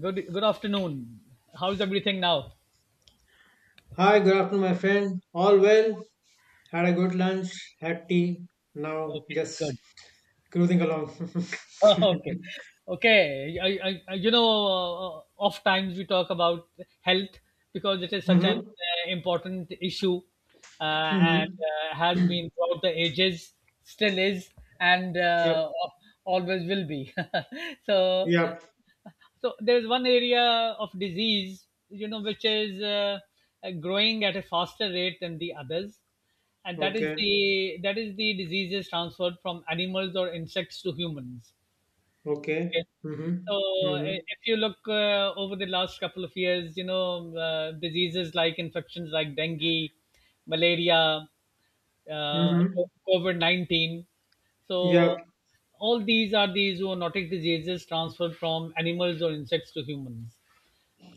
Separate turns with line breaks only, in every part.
Good afternoon. How's everything now?
Hi, good afternoon, my friend. All well? Had a good lunch, had tea. Now
Okay,
just
good.
cruising along.
Okay, okay. I oft times we talk about health, because it is such an
Mm-hmm.
important issue, and
Mm-hmm.
has been throughout the ages, still is, and
Yep.
always will be. So.
Yep.
So there's one area of disease, which is growing at a faster rate than the others, and that is
Okay.
the that is the diseases transferred from animals or insects to humans. Okay.
Okay. Mm-hmm.
So
Mm-hmm.
if you look over the last couple of years, diseases like infections like dengue, malaria, uh,
Mm-hmm.
COVID 19. So,
Yep.
all these are these zoonotic diseases transferred from animals or insects to humans.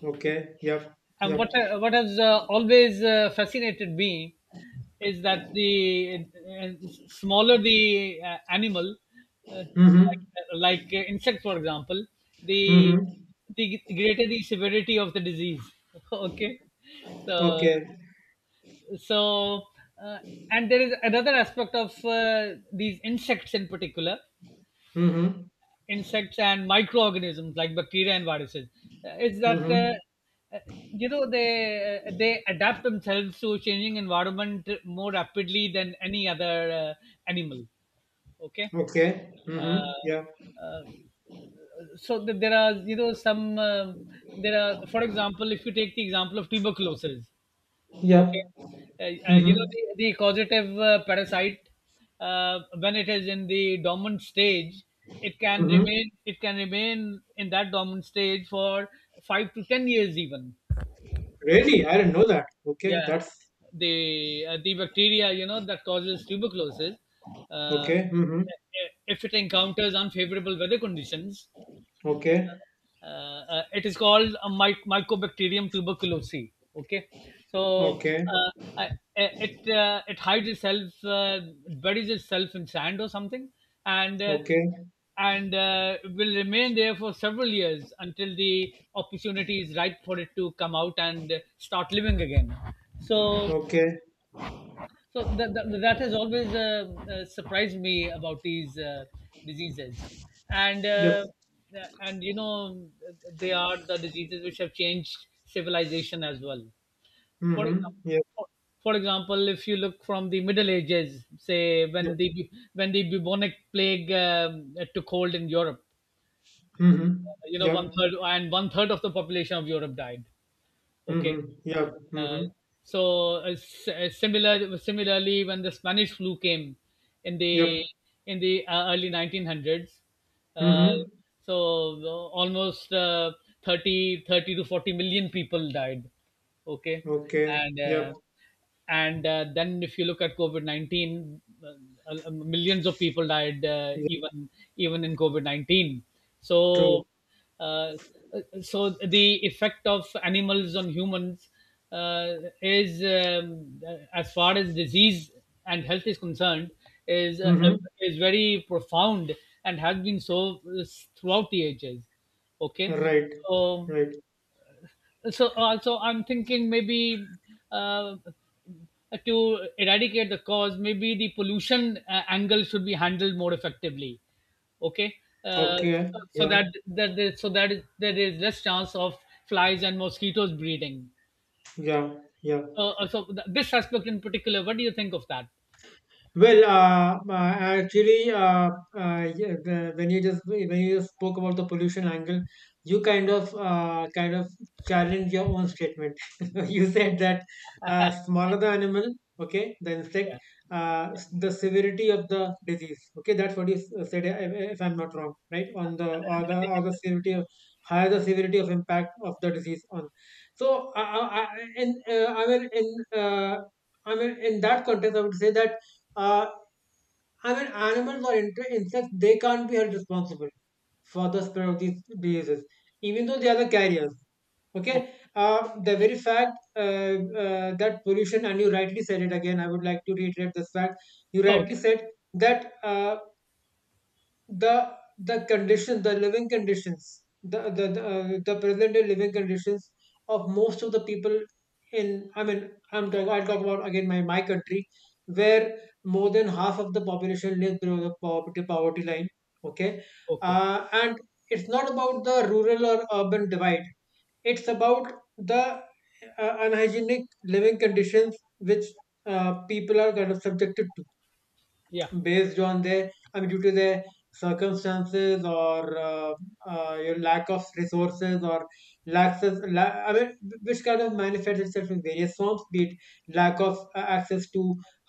Okay. Yep.
And what,
Yep.
uh, what has always fascinated me is that the uh, smaller the animal, uh, like,
Mm-hmm.
like insects, for example, the,
Mm-hmm.
the greater the severity of the disease. Okay. So,
Okay.
so uh, and there is another aspect of these insects in particular,
Mm-hmm.
insects and microorganisms like bacteria and viruses, is that
Mm-hmm.
they adapt themselves to changing environment more rapidly than any other animal. Okay.
Okay. Mm-hmm.
uh,
Yep.
uh, so there are, for example, if you take the example of tuberculosis. Okay.
Yep.
Uh,
Mm-hmm.
the causative parasite, when it is in the dormant stage, it can
Mm-hmm.
remain it can remain in that dormant stage for 5 to 10 years, even.
Really? I didn't know that. Okay.
Yeah,
That's
the bacteria, that causes tuberculosis, uh,
okay. Mm-hmm.
if it encounters unfavorable weather conditions,
Okay.
it is called a mycobacterium tuberculosis. Okay, so
Okay.
uh, I- it hides itself, buries itself in sand or something, and
Okay.
will remain there for several years until the opportunity is ripe for it to come out and start living again. So,
Okay.
so that has always surprised me about these diseases, and
Yep.
and you know they are the diseases which have changed civilization as well. For example,
Mm-hmm. Yep.
for, if you look from the Middle Ages, say
Yep.
when the bubonic plague took hold in Europe,
Mm-hmm.
one
Yep.
third and one third of the population of Europe died.
Mm-hmm.
Okay,
Yep.
uh,
Mm-hmm.
similarly when the Spanish flu came in the
Yep.
in the early 1900s, uh,
Mm-hmm.
so almost 30 thirty to 40 million people died. Okay,
Okay.
and uh,
Yep.
and then if you look at COVID-19, millions of people died,
Yep.
even even in COVID-19.
True.
So uh, so the effect of animals on humans, uh, is, as far as disease and health is concerned, is uh, uh,
Mm-hmm.
is very profound, and has been so throughout the ages. Okay.
Right.
so
Right.
so also I'm thinking, maybe uh, to eradicate the cause, maybe the pollution angle should be handled more effectively. Okay. uh,
Okay. Yeah.
so that there is less chance of flies and mosquitoes breeding.
Yeah. Yeah.
So this aspect in particular, what do you think of that?
Well, actually, yeah, when you just spoke about the pollution angle, you kind of challenged your own statement. You said that smaller the animal, okay, the insect,
Yeah.
the severity of the disease, okay, that's what you said, if I'm not wrong, right? On the or the or the severity of higher the severity of impact of the disease on. So, in I mean in uh, I mean in that context, I would say that uh, I mean, animals or insects, they can't be held responsible for the spread of these diseases, even though they are the carriers.
Okay.
Okay, the very fact that pollution, and you rightly said it again, I would like to reiterate this fact. You rightly said that. The condition the living conditions the present day living conditions of most of the people in, I mean, I'll talk about again my country where more than half of the population lives below the poverty line. Okay.
Okay.
And it's not about the rural or urban divide, it's about the unhygienic living conditions which people are kind of subjected
Yeah.
based on their, I mean, due to their circumstances or your lack of resources or lack I mean, which kind of manifests itself in various forms, be it lack of access to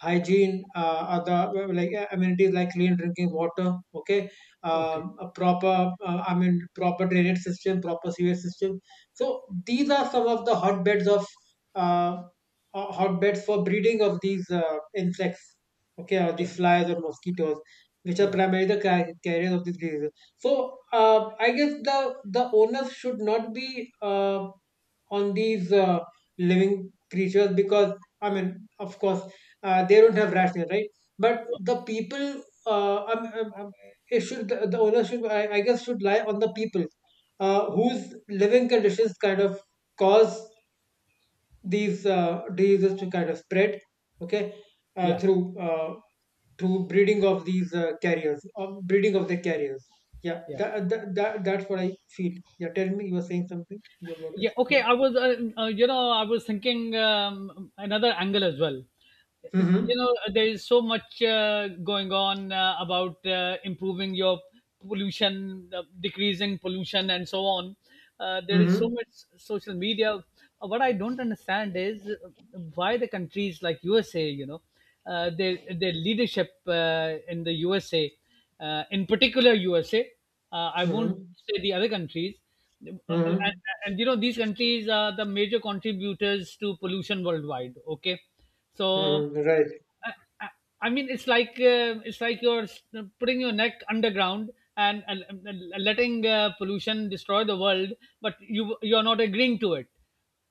hygiene, other like amenities like clean drinking water. Okay.
Okay. Yeah. Okay.
A proper, I mean proper drainage system, proper sewage system. So these are some of the hotbeds of, uh, hotbeds for breeding of these insects. Okay, or the
Yeah.
flies or mosquitoes, which are
Yeah.
primarily the carriers of these diseases. So I guess the onus should not be on these living creatures because, I mean, of course, they don't have rational, right? But the people, it should the onus should, I guess, should lie on the people, whose living conditions kind of cause these diseases to kind of spread. Okay,
Yeah.
through, to breeding of these carriers, of breeding of the carriers. Yeah,
Yeah.
that's what I feel. Yeah, tell me, you were saying something, you're about to.
Yeah,
Yeah.
okay. I was thinking, another angle as well. You
Mm-hmm.
know, there is so much going on about improving your pollution, decreasing pollution, and so on. There is
Mm-hmm.
so much social media. What I don't understand is why the countries like USA, their leadership, in the USA, in particular USA. I won't
Mm-hmm.
say the other countries. Uh, And,
Mm-hmm.
and these countries are the major contributors to pollution worldwide. Okay, so
Mm-hmm. Right.
I, I I mean, it's like you're putting your neck underground, and uh, letting pollution destroy the world, but you're not agreeing to it.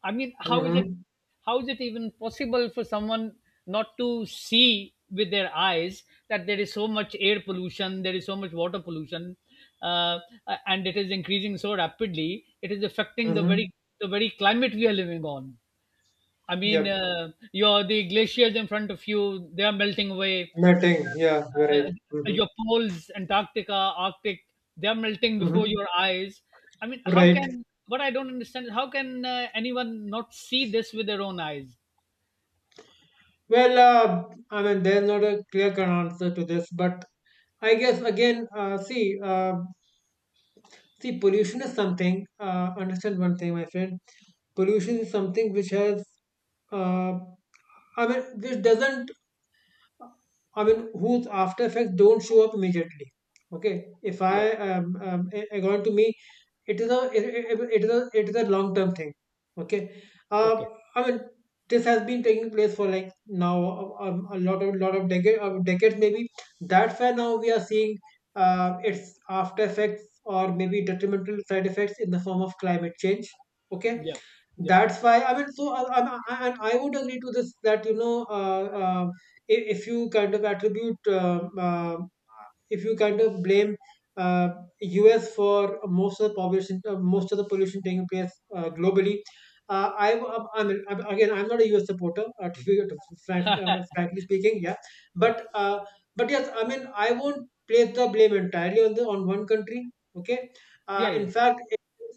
I mean,
Mm-hmm.
how is it even possible for someone not to see with their eyes that there is so much air pollution, there is so much water pollution, uh, and it is increasing so rapidly. It is affecting the
Mm-hmm.
very the very climate we are living on. I mean,
Yep.
your the glaciers in front of you, they are melting away.
Matting, yeah, you're
Uh,
right.
uh,
Mm-hmm.
your poles, Antarctica, Arctic, they are melting before
Mm-hmm.
your eyes. I mean, how
Right.
can what I don't understand is, how can anyone not see this with their own eyes?
Well, I mean, there's not a clear cut answer to this, but I guess again, uh, See, pollution is something, understand one thing, my friend. Pollution is something which has, uh, I mean, which doesn't, I mean, whose after effects don't show up immediately. Okay, if
Yeah.
I, according to me, it is a, it is a long term thing. Okay. uh,
Okay.
I mean, this has been taking place for like now a, a lot of, decade of decades maybe. That's why now we are seeing its after effects or maybe detrimental side effects in the form of climate change. Okay.
Yeah. Yeah.
That's why, I mean, so and I would agree to this that, you know, if you kind of attribute, if you kind of blame uh, US for most of the population, most of the pollution taking place globally, I mean, again, I'm not a U S supporter, to, to frank, frankly speaking, yeah,
Yeah.
but yes, I mean, I won't place the blame entirely on the on one country. Okay,
Yeah.
in
Yeah.
fact,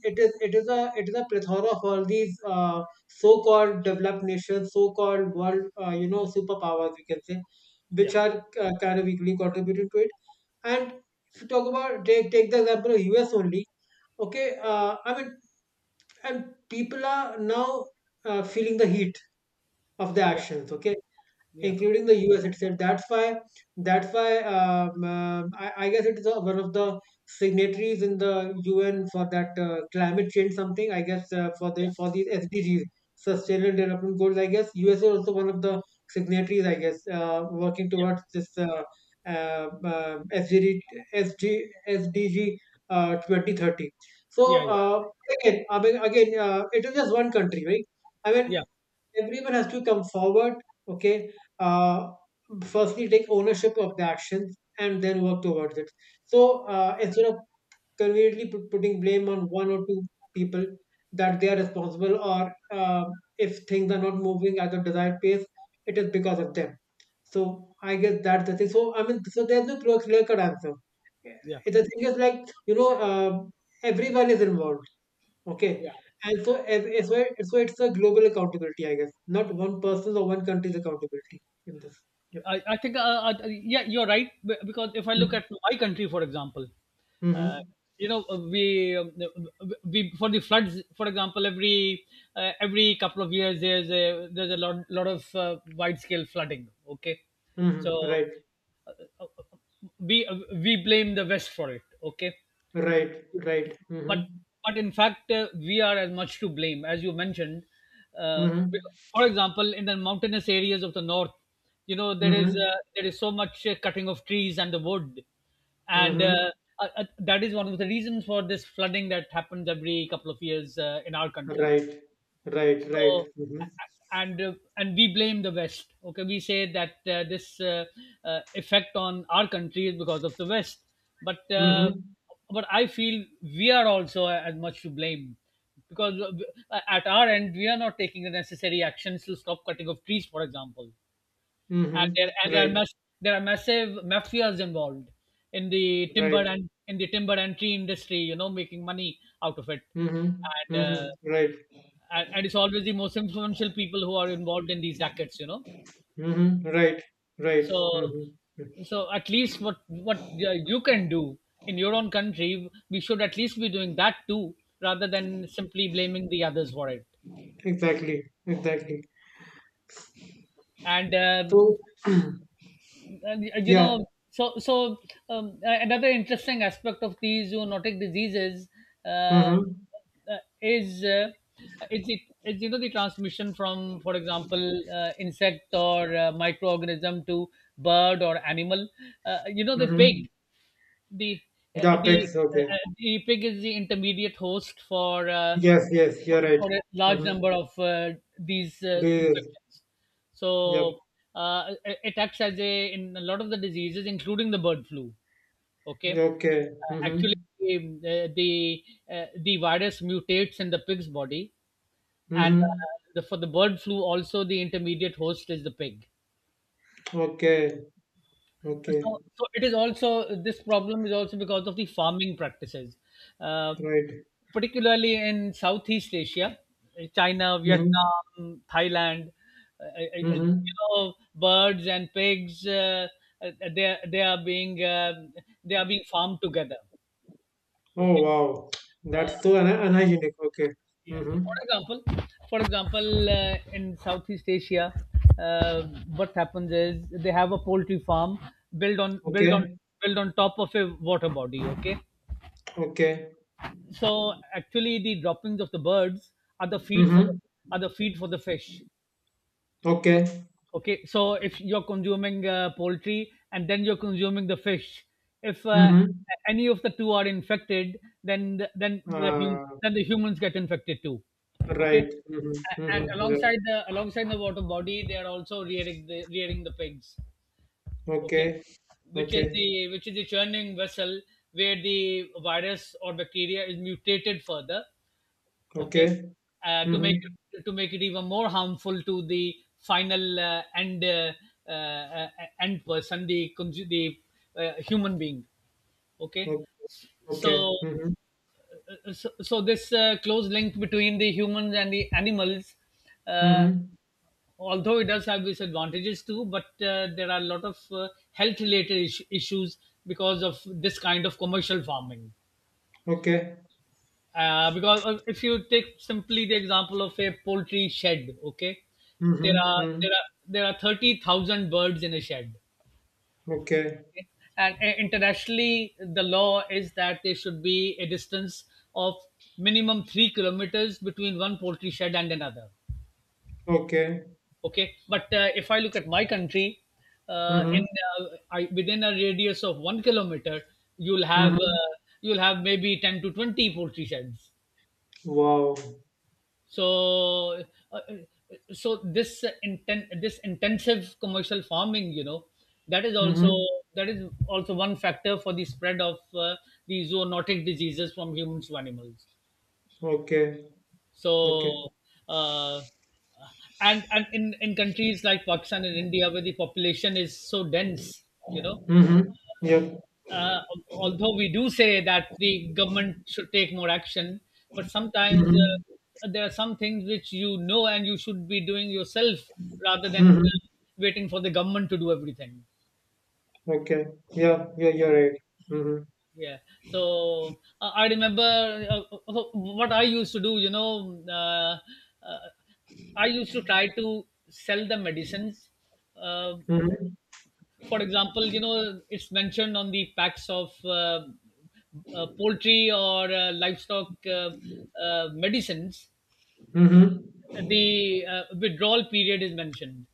it is a plethora of all these so-called developed nations, so-called world you know, superpowers, we can say, which are kind of equally contributing to it. And if you talk about take the example of US only, okay, I mean, and people are now feeling the heat of the
Yeah.
actions. Okay,
Yeah. Yeah. Yeah.
including the US itself. That's why, I guess it is one of the signatories in the UN for that climate change something. I guess for the for these SDGs, Sustainable Development Goals. I guess US is also one of the signatories, I guess working towards this uh, um SDG SDG 2030.
Yeah.
So
Yeah.
again, I mean, again, it is just one country, right? I mean,
Yeah. Yeah.
everyone has to come forward. Okay. uh, Firstly, take ownership of the actions and then work towards it. So instead of conveniently putting blame on one or two people that they are responsible, or if things are not moving at the desired pace, it is because of them. So I guess that's the thing. So, I mean, so there's no clear cut answer.
Yeah.
The thing is, like, you know uh, everyone is involved.
Yeah.
Okay. And so, as well. So it's a global accountability, I guess. Not one person's or one country's accountability in this. Yep.
I think, yeah, you're right. Because if I look
Mm-hmm.
at my country, for example, uh,
Mm-hmm.
you know, uh, we, um, we, for the floods, for example, every couple of years there's a lot of wide scale flooding. Okay, so
Mm-hmm. Right.
uh, uh, we blame the West for it. Okay,
Right. Right. Mm-hmm.
but but in fact, we are as much to blame, as you mentioned.
Mm-hmm.
Because, for example, in the mountainous areas of the north, there is
Mm-hmm.
uh, there is so much cutting of trees and the wood, and
Mm-hmm.
uh, uh, uh, that is one of the reasons for this flooding that happens every couple of years in our country.
Right. Right. Right.
so
Mm-hmm.
and uh, and we blame the West. Okay, we say that this effect on our country is because of the West, but
Mm-hmm.
I feel we are also as much to blame, because at our end we are not taking the necessary actions to stop cutting of trees, for example,
Mm-hmm.
and there and there are
Right.
mass, there are massive mafias involved in the timber
Right.
and in the timber and tree industry, making money out of it,
Mm-hmm.
and uh,
Mm-hmm. Right.
and it's always the most influential people who are involved in these rackets, you know.
Mm-hmm. Right. Right.
so
Mm-hmm.
so at least what you can do in your own country, we should at least be doing that too, rather than simply blaming the others for it.
Exactly. Exactly.
And
So
you
yeah.
know another interesting aspect of these zoonotic diseases, uh,
Mm-hmm.
uh, is uh, is it is, the transmission from, for example, insect or microorganism to bird or animal. uh, you know the
Mm-hmm.
pig the uh,
Yeah,
the
pigs. Okay.
the pig is the intermediate host for
Yes, yes, you're right.
a large
Mm-hmm.
number of these
Bees.
infections.
Yep.
So it acts as a in a lot of the diseases, including the bird flu. Okay,
Okay.
actually,
Mm-hmm.
um, uh, the the virus mutates.
Mm-hmm. Okay. Okay.
So, so it is also this problem is also because of the farming practices, uh,
Right.
particularly in Southeast Asia, China,
Mm-hmm.
Vietnam, Thailand.
Mm-hmm.
Birds and pigs, uh, they are- they are being uh, they are being farmed together.
Oh,
Okay.
wow.
Uh,
That's so unhygienic. Okay.
Yeah.
Mm-hmm.
For example, in Southeast Asia, uh, what happens is they have a poultry farm built on built on
Okay.
built on top of a water body. Okay,
Okay.
so actually the droppings of the birds are the feed for
Mm-hmm.
the fish.
Okay.
Okay, so if you're consuming poultry and then you're consuming the fish, if
Mm-hmm.
any of the two are infected, then the, then the hum-
Uh,
then the humans get infected too. Okay.
right. Mm-hmm. Mm-hmm.
And
Yeah.
alongside the water body, they are also rearing the pigs. Okay,
Okay.
which is
Okay.
the which is the churning vessel, where the virus or bacteria is mutated further. Okay,
Okay.
uh, to make
Mm-hmm.
to make it even more harmful to the final uh, uh, end person, the human being. Okay.
Okay. Okay.
so
Mm-hmm.
so, so this close link between the humans and the animals, uh,
Mm-hmm.
although it does have disadvantages too, but there are a lot of health related issues because of this kind of commercial farming.
Okay.
Because if you take simply the example of a poultry shed. Okay,
Mm-hmm. Mm-hmm.
there are 30,000 birds in a shed.
Okay.
Okay? And internationally, the law is that there should be a distance of minimum 3 kilometers between one poultry shed and another.
Okay.
Okay, but if I look at my country, uh, in
Mhm.
uh, within a radius of 1 kilometer you'll have
Mhm.
uh, you'll have maybe 10 to 20 poultry sheds.
Wow.
So uh, this intensive commercial farming, that is also,
Mhm.
that is also one factor for the spread of the zoonotic diseases from humans to animals.
Okay.
so
Okay.
uh, and in countries like Pakistan and India, where the population is so dense,
Mhm. Yep.
uh, although we do say that the government should take more action, but sometimes
Mhm.
there are some things which, you know, and you should be doing yourself rather than
Mhm.
waiting for the government to do everything.
Okay. Yeah. Yeah. You're right. Mhm.
Yeah. So I remember what I used to do, you know, uh, I used to try to sell the medicines. Uh,
Mhm.
for example, you know, it's mentioned on the packs of poultry or livestock medicines,
Mhm.
the withdrawal period is mentioned,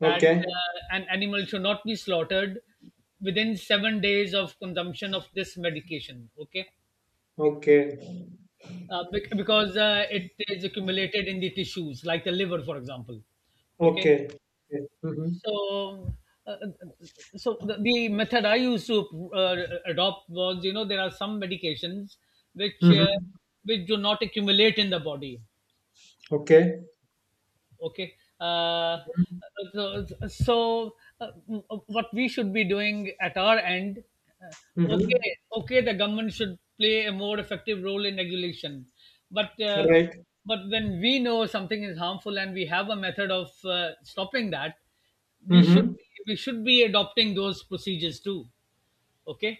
that
Okay.
an animal should not be slaughtered within 7 days of consumption of this medication. Okay.
Okay.
Because it is accumulated in the tissues, like the liver, for example. Okay.
Okay. Mhm.
So, uh, uh, uh, so the method I used to adopt was, you know, there are some medications which uh,
Mhm.
which do not accumulate in the body.
Okay.
Okay. uh, so, so what we should be doing at our end, uh, okay,
Mhm.
okay, the government should play a more effective role in regulation, but uh,
Right.
but when we know something is harmful and we have a method of stopping that, we should
Mhm.
be, we should be adopting those procedures too. Okay.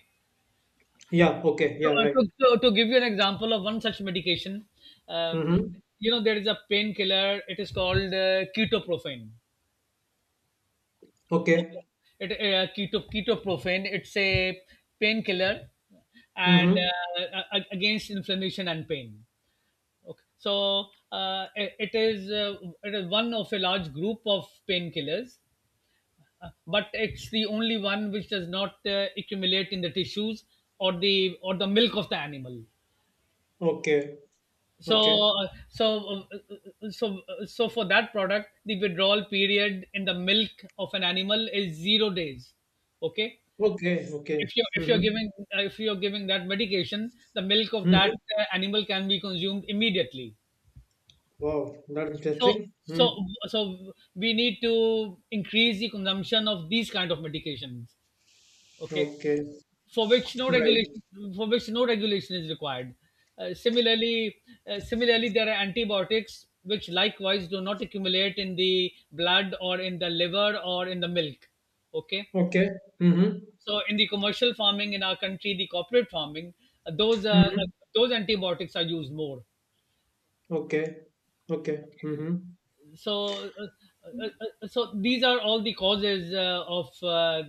Yeah. Okay.
to,
Yeah.
uh,
Right.
to, to give you an example of one such medication, uh,
Mhm.
you know, there is a painkiller. It is called ketoprofen.
Okay.
Okay. It keto Ketoprofen. It's a painkiller, and
Mhm.
against inflammation and pain. Okay. So it is one of a large group of painkillers, but it's the only one which does not accumulate in the tissues or the, or the milk of the animal.
Okay.
So
Okay.
so for that product, the withdrawal period in the milk of an animal is 0 days. Okay,
Okay. Okay.
if you're if you're
Mhm.
giving if you're giving that medication, the milk of that
Mhm.
animal can be consumed immediately.
Wow, that's
so
interesting.
so
Hmm.
so we need to increase the consumption of these kind of medications. Okay,
Okay.
for which no
Right.
regulation for which no regulation is required. uh, similarly Similarly, there are antibiotics which likewise do not accumulate in the blood or in the liver or in the milk. Okay.
Okay. Mm-hmm.
So in the commercial farming in our country, the corporate farming, uh, those uh, uh,
Mm-hmm.
those antibiotics are used more.
Okay. Okay. Mm-hmm.
So uh, so these are all the causes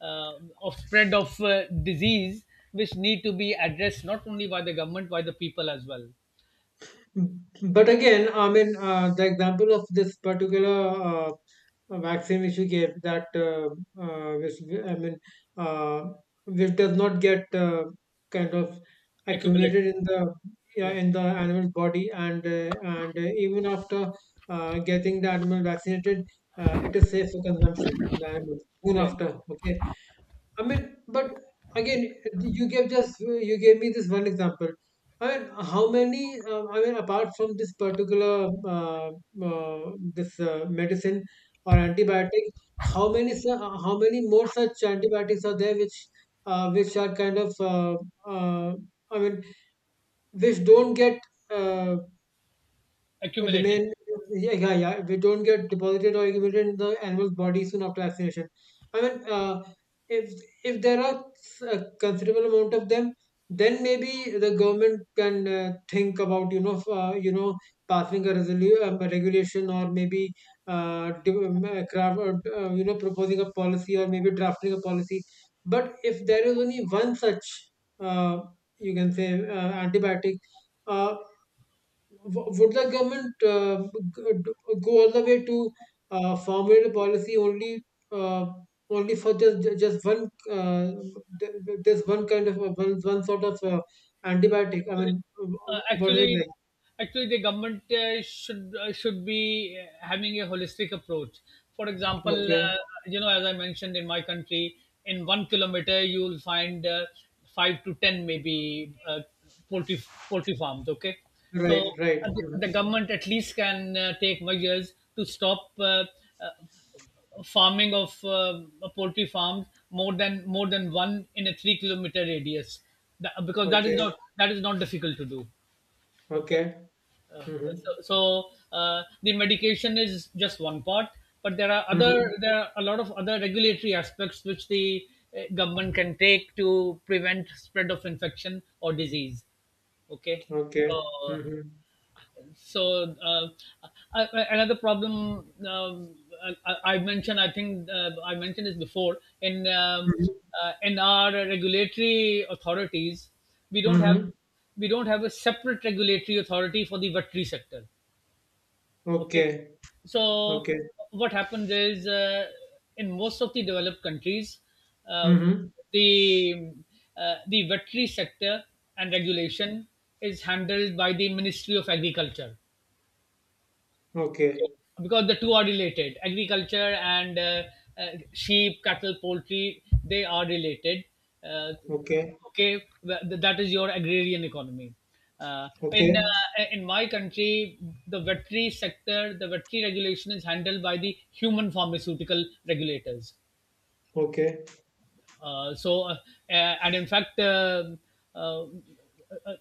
uh, of spread of disease, which need to be addressed not only by the government, by the people as well.
Hmm. But again, I mean, the example of this particular vaccine which you gave that, which, I mean, uh, which does not get kind of
Accumulated,
accumulated in the, yeah,
yeah,
in the animal body, and even after getting the animal vaccinated, it is safe for consumption. The animal soon
yeah,
after, okay. I mean, but again, you gave me this one example. I mean, how many? I mean, apart from this particular this medicine or antibiotic, how many more such antibiotics are there which, which are kind of uh, I mean, which don't get uh, it
accumulated.
remain, yeah, yeah, yeah. If it don't get deposited or accumulated in the animal's body soon after vaccination. I mean, if there are a considerable amount of them, then maybe the government can think about, you know, passing a a regulation, or maybe you know, proposing a policy, or maybe drafting a policy. But if there is only one such, uh, you can say antibiotic. Uh, would the government go all the way to formulate a policy only, uh, for just just one, this one kind of, one sort of antibiotic? I mean,
Actually, uh,
what is it
actually,
like?
actually, the government should be having a holistic approach. For example,
Okay,
you know, as I mentioned, in my country, in 1 kilometer you will find 5 to 10 maybe poultry poultry farms. Okay,
right,
so
right. Hmm.
the government at least can take measures to stop uh, farming of poultry farms more than one in a 3 kilometer radius. Because
Okay,
that is not difficult to do. Okay.
okay.
uh,
Hmm.
the medication is just one part, but
Hmm.
there are a lot of other regulatory aspects which the government can take to prevent spread of infection or disease. Okay.
Okay.
so
Hmm.
so uh, Another problem, I mentioned, I think I mentioned this before
Hmm.
in our regulatory authorities, we don't have,
Hmm.
we don't have a separate regulatory authority for the veterinary sector. Okay,
Okay.
so
Okay.
what happens is, in most of the developed countries, uh,
Hmm.
the the veterinary sector and regulation is handled by the Ministry of Agriculture.
Okay.
Okay. Because the two are related, agriculture and sheep, cattle, poultry, they are related. Uh,
Okay.
okay, well, that is your agrarian economy.
Okay.
In my country, the veterinary sector, the veterinary regulation is handled by the human pharmaceutical regulators.
Okay.
So, and in fact, uh, uh,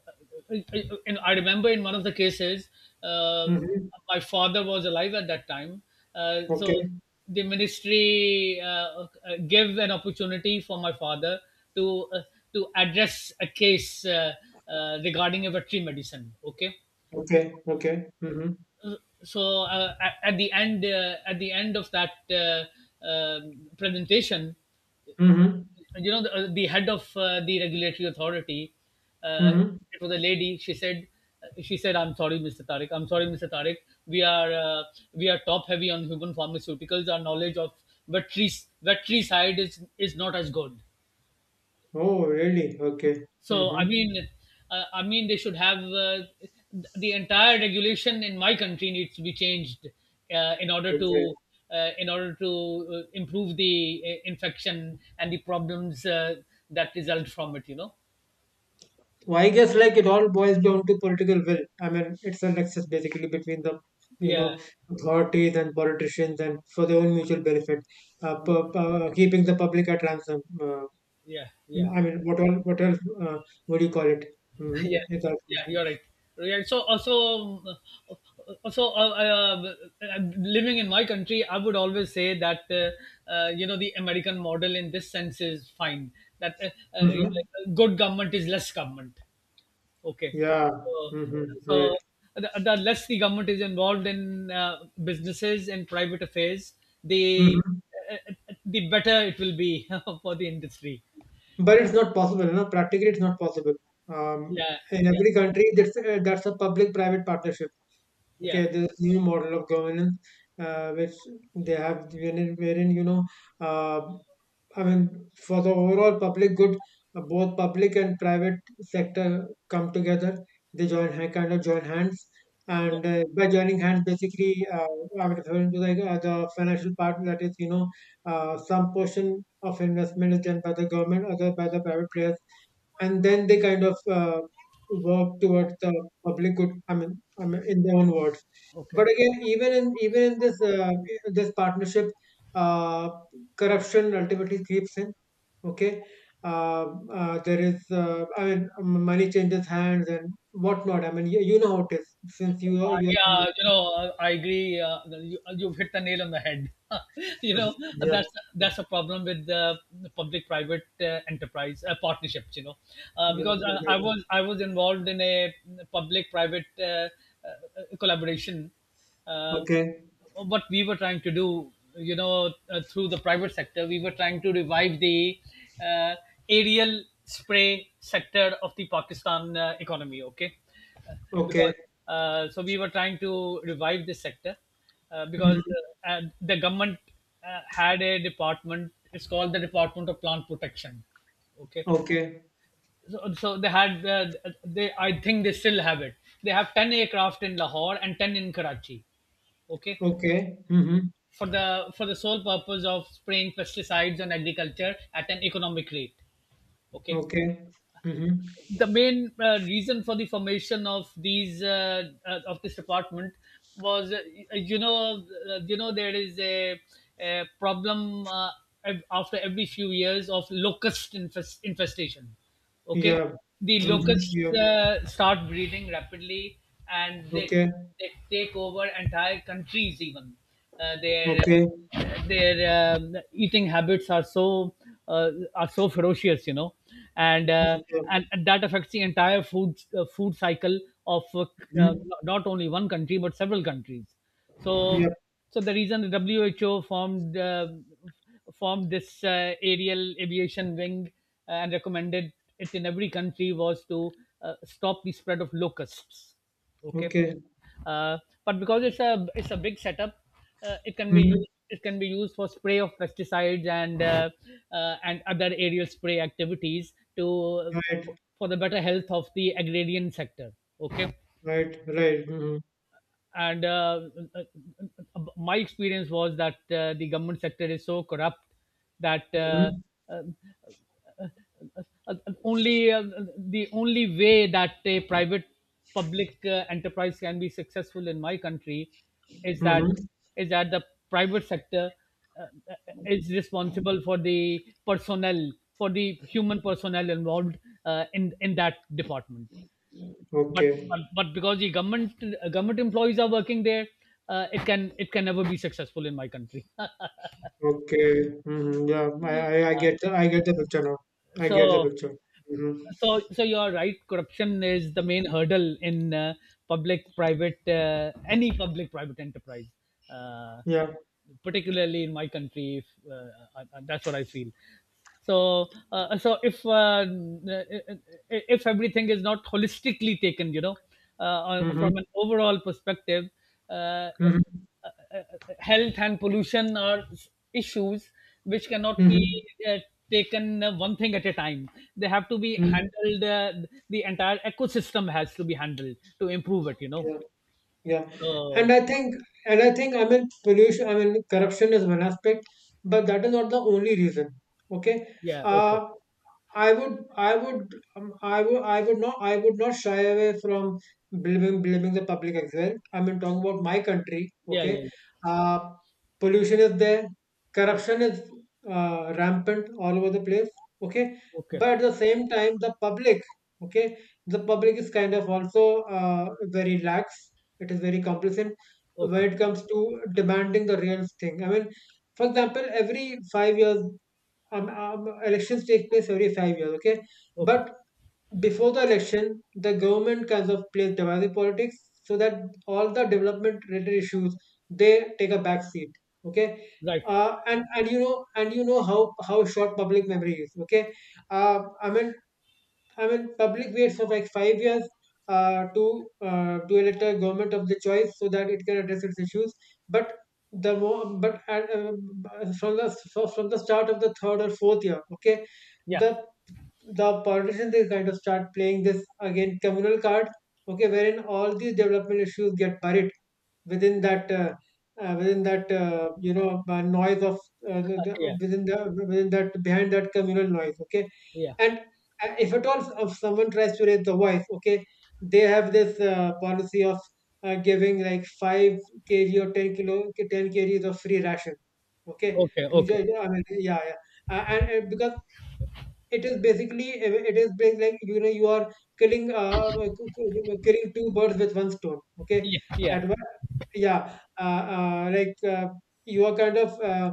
in, I remember, in one of the cases, um
Hmm.
my father was alive at that time. So,
Okay.
the ministry gave an opportunity for my father to uh, to address a case regarding a veterinary medicine. Okay.
Okay, okay. Mhm.
So at the end of that presentation,
Mhm.
you know, the head of the regulatory authority, uh,
Mhm.
it was a lady. She said, she said, "I'm sorry, Mr. Tariq, I'm sorry, Mr. Tariq, we are uh, we are top heavy on human pharmaceuticals. Our knowledge of veterinary, veterinary side is not as good."
Oh, really? Okay.
So I
Mhm.
mean, I mean, they should have the entire regulation in my country needs to be changed in order
Okay.
to improve the infection and the problems that result from it. You know.
So I guess like it all boils down to political will. I mean, it's a nexus basically between the, you
Yeah.
know authorities and politicians, and for their own mutual benefit,
Yeah.
keeping the public at ransom.
Yeah. Yeah.
I mean, what all, what else? What do you call it? Mm-hmm.
Yeah, yeah,
Exactly.
you're right. Yeah, so also, also uh, uh, living in my country, I would always say that you know, the American model in this sense is fine. That yeah,
Mm-hmm.
good government is less government. Okay,
Yeah.
so,
Mm-hmm. Right.
so the less the government is involved in businesses and private affairs, the
Mm-hmm.
the better it will be for the industry.
But it's not possible, practically it's not possible. Um,
Yeah,
in
yeah,
every country, that's a public-private partnership.
yeah,
Okay, this new model of governance which they have wherein you know uh, I mean, for the overall public good, both public and private sector come together. They join hand, kind of join hands,
yeah.
and by joining hands basically, I'm referring to like the financial part, that is, you know, some portion of investment is done by the government, other by the private players, and then they kind of work towards the public good. I mean, in their own words.
Okay.
But again, even in this this partnership, uh, corruption ultimately creeps in. Okay. uh, there is I mean, money changes hands and whatnot. I mean, you know how it is, since you are you
Yeah, you
are
know, I agree. You've hit the nail on the head. You
Mhm.
know,
Yeah,
that's that's a problem with the public-private enterprise partnerships. You know,
yeah, exactly.
I was involved in a public-private collaboration. Uh,
Okay,
what we were trying to do, you know, through the private sector, we were trying to revive the uh, aerial spray sector of the Pakistan economy. Okay. Uh,
okay.
because So we were trying to revive this sector because
Hmm.
the government had a department. It's called the Department of Plant Protection. Okay.
Okay,
So, so they had they I think they still have it. They have 10 aircraft in Lahore and 10 in Karachi, okay,
okay. Hmm.
for the sole purpose of spraying pesticides on agriculture at an economic rate. Okay.
Okay. Hmm.
The main reason for the formation of these of this department was, you know, you know, there is a problem, after every few years, of infestation. Okay,
Yeah.
the
Hmm.
locusts
Yeah.
start breeding rapidly and they
Okay,
they take over entire countries even. uh, their
okay.
their eating habits are so ferocious, you know, and,
Mm-hmm,
uh,
yeah.
and that affects the entire food, food cycle of uh,
Mm-hmm.
not only one country but several countries. so
Yep.
the reason, the WHO formed formed this aerial aviation wing and recommended it in every country was to stop the spread of locusts. Okay.
Okay.
uh, but because it's, a it's a big setup,
Mm-hmm.
it can be used for spray of pesticides and other aerial spray activities to,
Right.
for the better health of the agrarian sector. Okay.
Right. Right. Mm-hmm.
And uh, my experience was that the government sector is so corrupt that
Mm-hmm.
uh, uh, only the only way that a private, public enterprise can be successful in my country is that,
Mm-hmm.
is that the private sector uh, is responsible for the personnel, for the human personnel involved in that department. but,
Okay.
but but because the government, government employees are working there, it can, it can never be successful in my country.
Okay. Mm-hmm. Yeah. I
Uh,
get the I get the picture now. I get the
so
picture. Mm-hmm.
So, so you're right. Corruption is the main hurdle in public, private, any public private enterprise, uh,
Yeah.
particularly in my country. If, that's what I feel. So, uh, so if uh, uh, if everything is not holistically taken, you know,
Mm-hmm.
from an overall perspective, uh, uh,
Mm-hmm.
uh, uh, health and pollution are issues which cannot be
Mm-hmm.
uh, taken one thing at a time. They have to be
Mm-hmm.
handled. The entire ecosystem has to be handled to improve it. You know.
Yeah. Yeah, and
So
I think, and I think, I mean, pollution, I mean, corruption is one aspect, but that is not the only reason. Okay.
yeah. Okay.
uh, I would, I would, I would, I would not shy away from blaming the public as well. I mean, talking about my country.
Yeah. Yeah.
Okay.
Yeah.
uh, Pollution is there, corruption is rampant all over the place. Okay,
Okay.
but at the same time, the public. Okay, the public is kind of also very lax, it is very complacent when
Okay.
it comes to demanding the real thing. I mean, for example, every 5 years, elections take place every 5 years, okay?
Okay.
But before the election, the government kind of plays divisive politics, so that all the development related issues, they take a back seat, okay?
Right.
And you know how short public memory is, okay? Uh, I mean, I mean, public waits for like 5 years to elect a government of the choice so that it can address its issues. But the more, but at, from the so from the start of the third or fourth year, okay,
Yeah.
the the politicians, they kind of start playing this again communal card, okay, wherein all these development issues get buried within that. Within that you know noise of
Yeah.
the within that behind that communal noise, okay.
Yeah.
And if at all, if someone tries to raise the voice, okay, they have this policy of giving like 5 kg or 10 kilo 10 kgs of free ration, okay,
Okay. Okay.
I mean, yeah, yeah. And because it is basically like, you know, you are killing uh killing two birds with one stone, okay,
Yeah. Yeah.
at one, yeah. You are kind of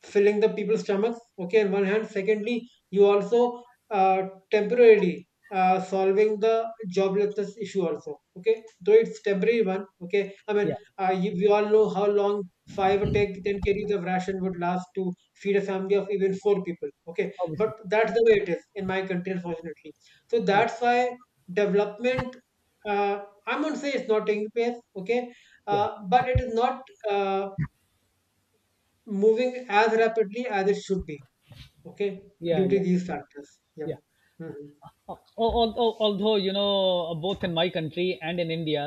filling the people's stomachs, okay, on one hand. Secondly, you also uh, temporarily solving the joblessness issue also, okay, though it's temporary one, okay. I mean,
Yeah.
we all know how long five or ten, 10 kgs of ration would last to feed a family of even 4 people, okay.
Obviously.
But that's the way it is in my country, unfortunately. So
Yeah.
that's why development uh, I'm going to say it's not taking place, okay.
Yeah.
But it is not uh, moving as rapidly as it should be, okay,
Yeah.
due to
Yeah.
these factors. Yeah.
Yeah.
Mm-hmm.
Although, you know, both in my country and in India,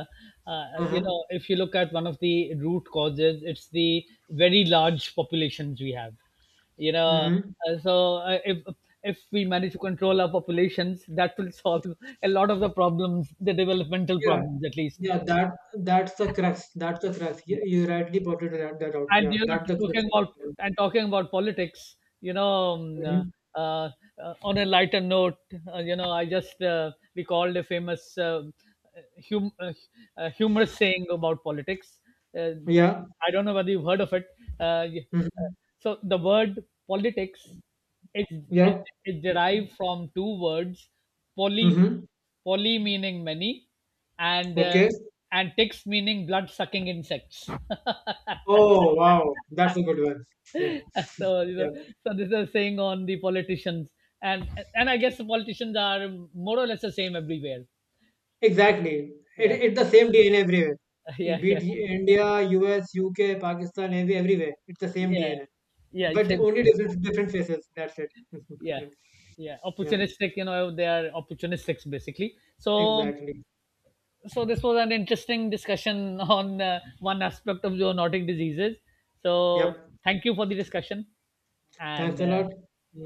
you
Uh-huh.
know, if you look at one of the root causes, it's the very large populations we have, you know.
Hmm.
uh, so uh, if if we manage to control our populations, that will solve a lot of the problems, the developmental
Yeah,
problems at least.
yeah, that's the crux.
Yeah.
You rightly pointed that out.
And
Yeah,
you know,
that's the crux
talking
of the
about,
problem.
and talking about politics, you know,
Mhm.
uh, uh, on a lighter note, you know, I just recalled a famous hum- uh, humorous saying about politics. uh,
Yeah.
I don't know whether you've heard of it. uh, y- uh,
Hmm.
so the word politics is, is,
Yeah.
is derived from two words: poly,
Hmm.
poly meaning many, and uh,
Okay.
and ticks, meaning blood sucking insects.
Oh wow, that's a good one. Yeah,
So you know,
yeah,
so this is saying on the politicians, and and I guess the politicians are more or less the same everywhere.
exactly.
Yeah.
It's the same DNA everywhere. It
Yeah,
beat
yeah,
India, US, UK, Pakistan, everywhere. It's the same
yeah,
DNA,
yeah, it's
but
same.
only different faces. That's it.
Yeah,
Yeah,
yeah,
yeah,
opportunistic, you know, they are opportunistics basically. So,
exactly.
so this was an interesting discussion on one aspect of zoonotic diseases. So
Yep.
thank you for the discussion, and
Thanks a lot.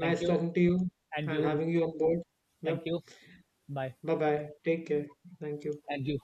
thank you
talking to you
and
and
you.
having you on board. Yep.
Thank you. Bye.
Bye bye. Take care. Thank you.
And you.